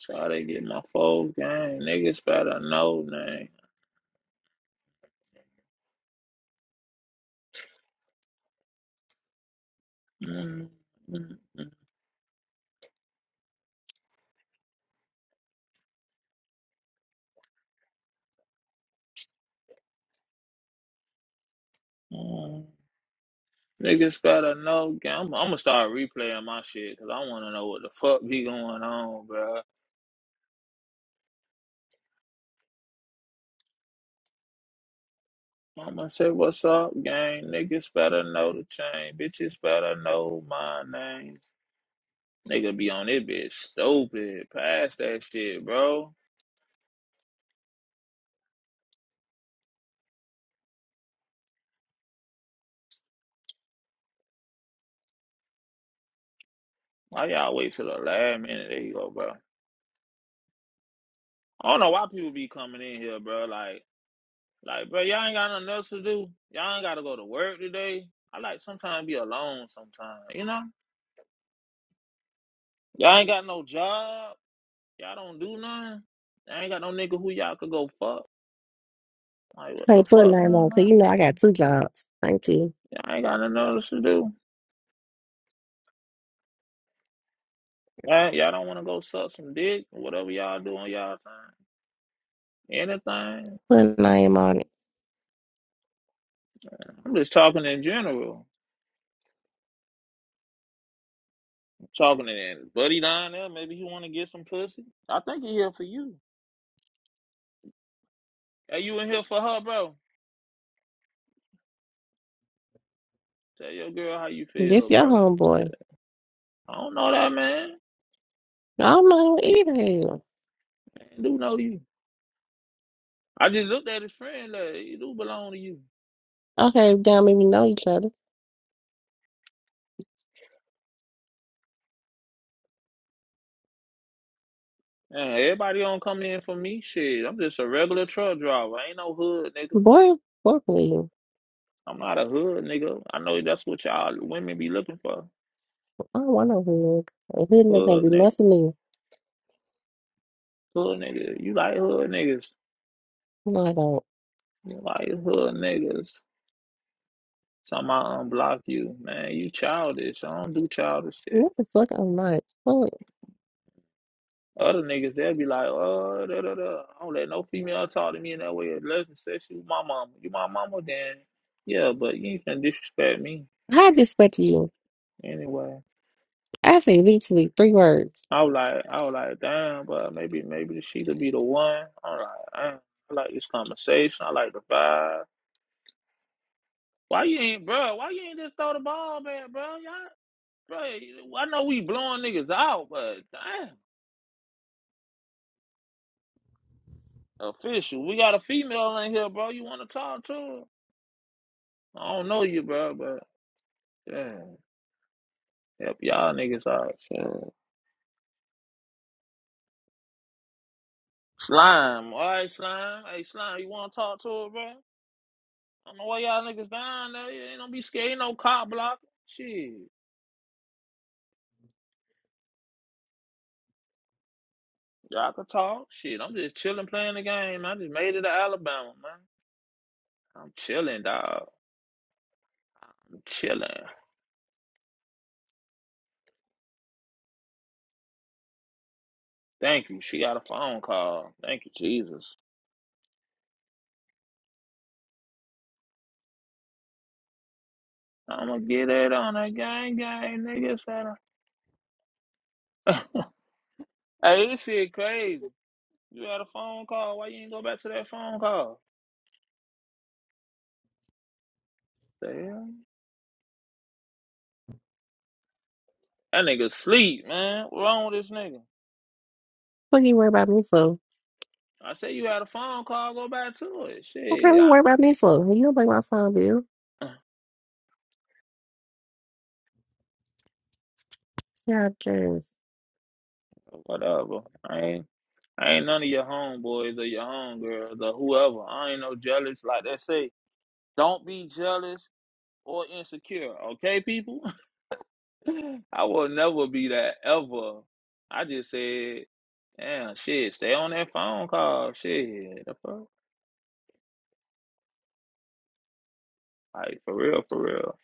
Try to get my full game. Niggas better know name. Mm, mm, mm, mm. Niggas better know game. I'm, I'm gonna start replaying my shit because I want to know what the fuck be going on, bro. I'm gonna say what's up, gang. Niggas better know the chain. Bitches better know my name. Nigga be on it, bitch. Stupid. Pass that shit, bro. Why y'all wait till the last minute? There you go, bro. I don't know why people be coming in here, bro. Like. Like, bro, y'all ain't got nothing else to do. Y'all ain't gotta go to work today. I like sometimes be alone Sometimes, you know? Y'all ain't got no job. Y'all don't do nothing. Y'all ain't got no nigga who y'all could go fuck. Like, what Hey, the put a fuck going name on, 'cause on? you know I got two jobs. Thank you. Y'all ain't got nothing else to do. Y'all, y'all don't wanna go suck some dick, or whatever y'all do on y'all time. Anything. Put a name on it. I'm just talking in general. I'm talking in buddy down there. Maybe he wanna get some pussy. I think he here for you. Are you in here for her, bro? Tell your girl how you This feel, your bro. homeboy. I don't know that man. I don't know Yeah, either. him. man, do know you. I just looked at his friend. Like, he do belong to you. Okay, damn if you know each other. Man, everybody don't come in for me. Shit, I'm just a regular truck driver. I ain't no hood nigga. Boy, fuck you. I'm not a hood nigga. I know that's what y'all women be looking for. I don't want no hood. A hood nigga can't Hood do nigga, nothing to me. hood nigga. You like hood niggas? No, I don't. You like hood niggas? Somehow unblock you, man. You childish. I don't do childish shit. What the fuck? I'm not. Fuck. Other niggas, they'll be like, oh, da, da, da. I don't let no female talk to me in that way. Unless and says she was my mama. You my mama, then yeah, but you ain't gonna disrespect me How I disrespect you? anyway. I say literally three words. I was like, I was like, damn, but maybe, maybe she could be the one. I'm like, damn, I like this conversation. I like the vibe. Why you ain't, bro? Why you ain't just throw the ball back, bro? Y'all, bro, I know we blowing niggas out, but damn, official. We got a female in here, bro. You want to talk to her? I don't know you, bro, but yeah. Help y'all niggas all niggas out, So. Slime, all right, slime. Hey, slime, you want to talk to her, bro? I don't know why y'all niggas down there. You ain't gonna be scared. Ain't no cop blocking. Shit, y'all can talk. Shit, I'm just chilling, playing the game. I just made it to Alabama, man. I'm chilling, dog. I'm chilling. Thank you. She got a phone call. Thank you, Jesus. I'm gonna get it on a gang, gang, niggas. hey, this shit crazy. You had a phone call. Why you ain't go back to that phone call? The hell? That nigga sleep, man. What wrong with this nigga? What you worry about me for? I said you had a phone call. Go back to it. Okay, What Shit, kind of I, worry about me for? You don't pay my phone bill. Yeah, whatever. I ain't, I ain't none of your homeboys or your homegirls or whoever. I ain't no jealous. Like they say, don't be jealous or insecure. Okay, people. I will never be that ever. I just said, damn, shit. Stay on that phone call. Shit, the fuck. Like for real, for real.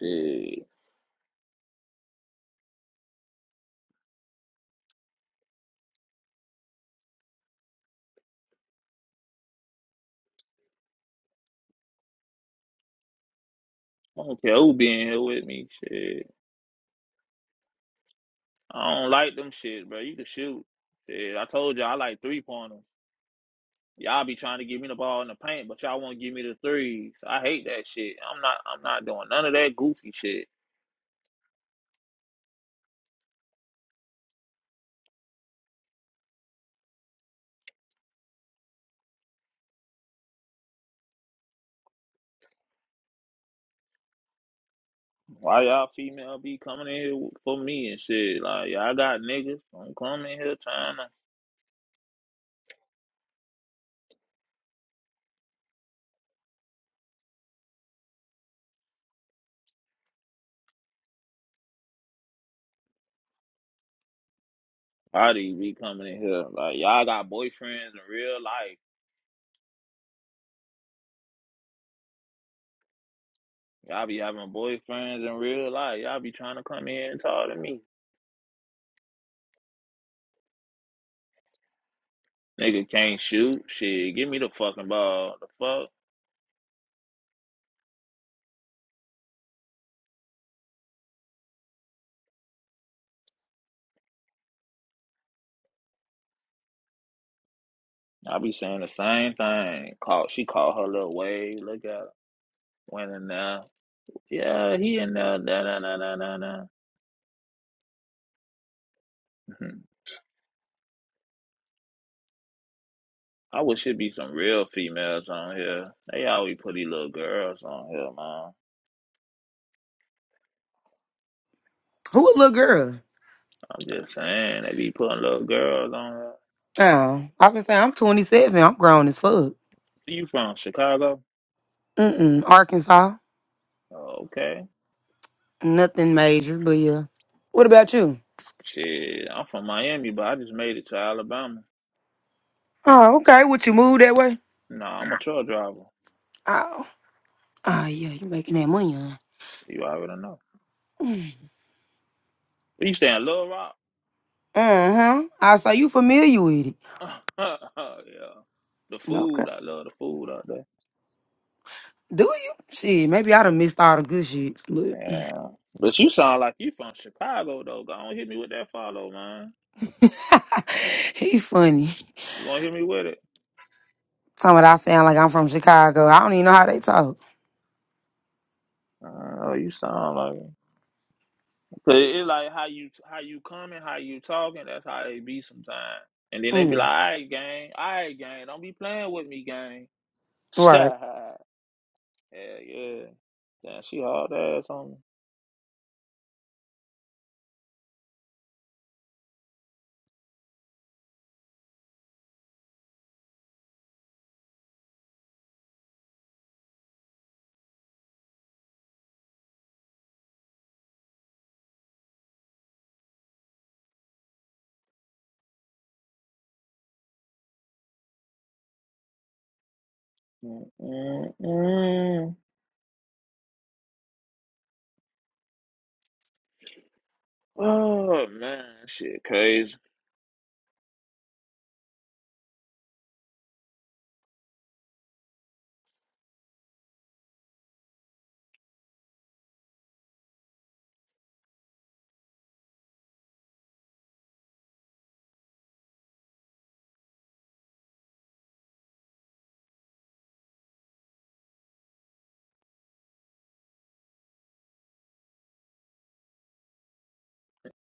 Shit. I don't care who being here with me. Shit. I don't like them shit, bro. You can shoot. Shit, I told you I like three pointers. Y'all be trying to give me the ball in the paint, but y'all won't give me the threes. I hate that shit. I'm not. I'm not doing none of that goofy shit. Why y'all female be coming in here for me and shit? Like y'all got niggas. Don't come in here trying to. Why do you be coming in here? Like y'all got boyfriends in real life. Y'all be having boyfriends in real life. Y'all be trying to come in and talk to me. Nigga can't shoot. Shit, give me the fucking ball. The fuck. I be saying the same thing. Call she called her little wave. Look at her. Went in there. Yeah, he in there. Da, da, da, da, da, da. Mhm. I wish it'd be some real females on here. They always put these little girls on here, man. Who a little girl? I'm just saying they be putting little girls on here. Oh, I can say I'm 27. I'm grown as fuck. You from Chicago? Mm-mm. Arkansas. Oh, Okay. Nothing major, but yeah. What about you? Shit, I'm from Miami, but I just made it to Alabama. Oh, okay. Would you move that way? Nah, I'm a truck driver. Oh. Oh, yeah. you making that money, huh? You already know. You stay in Little Rock? Uh-huh. I say you familiar with it. yeah. The Okay. food, I love the food out there. Do you? Shit, maybe I done missed all the good shit, but Yeah. But you sound like you from Chicago though. Go on hit me with that follow, man. he funny. You gonna hit me with it. Some of I sound like I'm from Chicago. I don't even know how they talk. Oh, you sound like it. Cause it's like how you how you coming, how you talking, that's how they be sometimes. And then they be Yeah. like, all right, gang, all right, gang, don't be playing with me, gang. Right. yeah, yeah. Damn, she hard ass on me. mm mm mm. Oh man, shit crazy.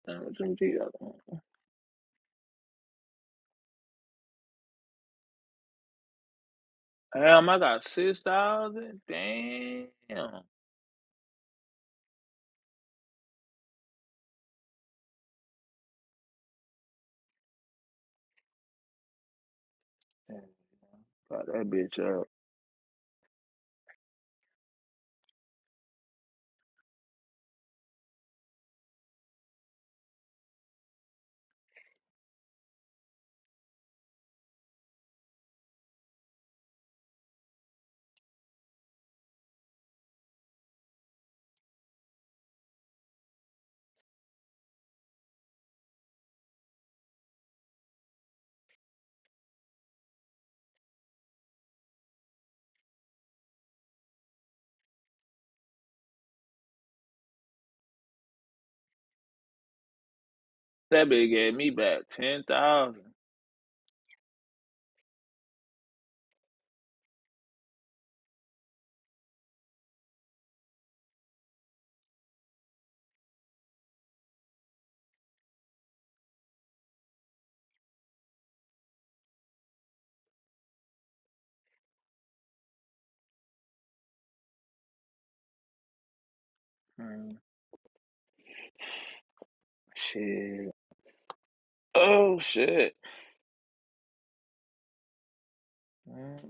Damn, what you do? Damn, I got six thousand. Damn. And Fuck that bitch up. That bitch gave me back ten thousand. Mm, shit. Oh shit. Mm.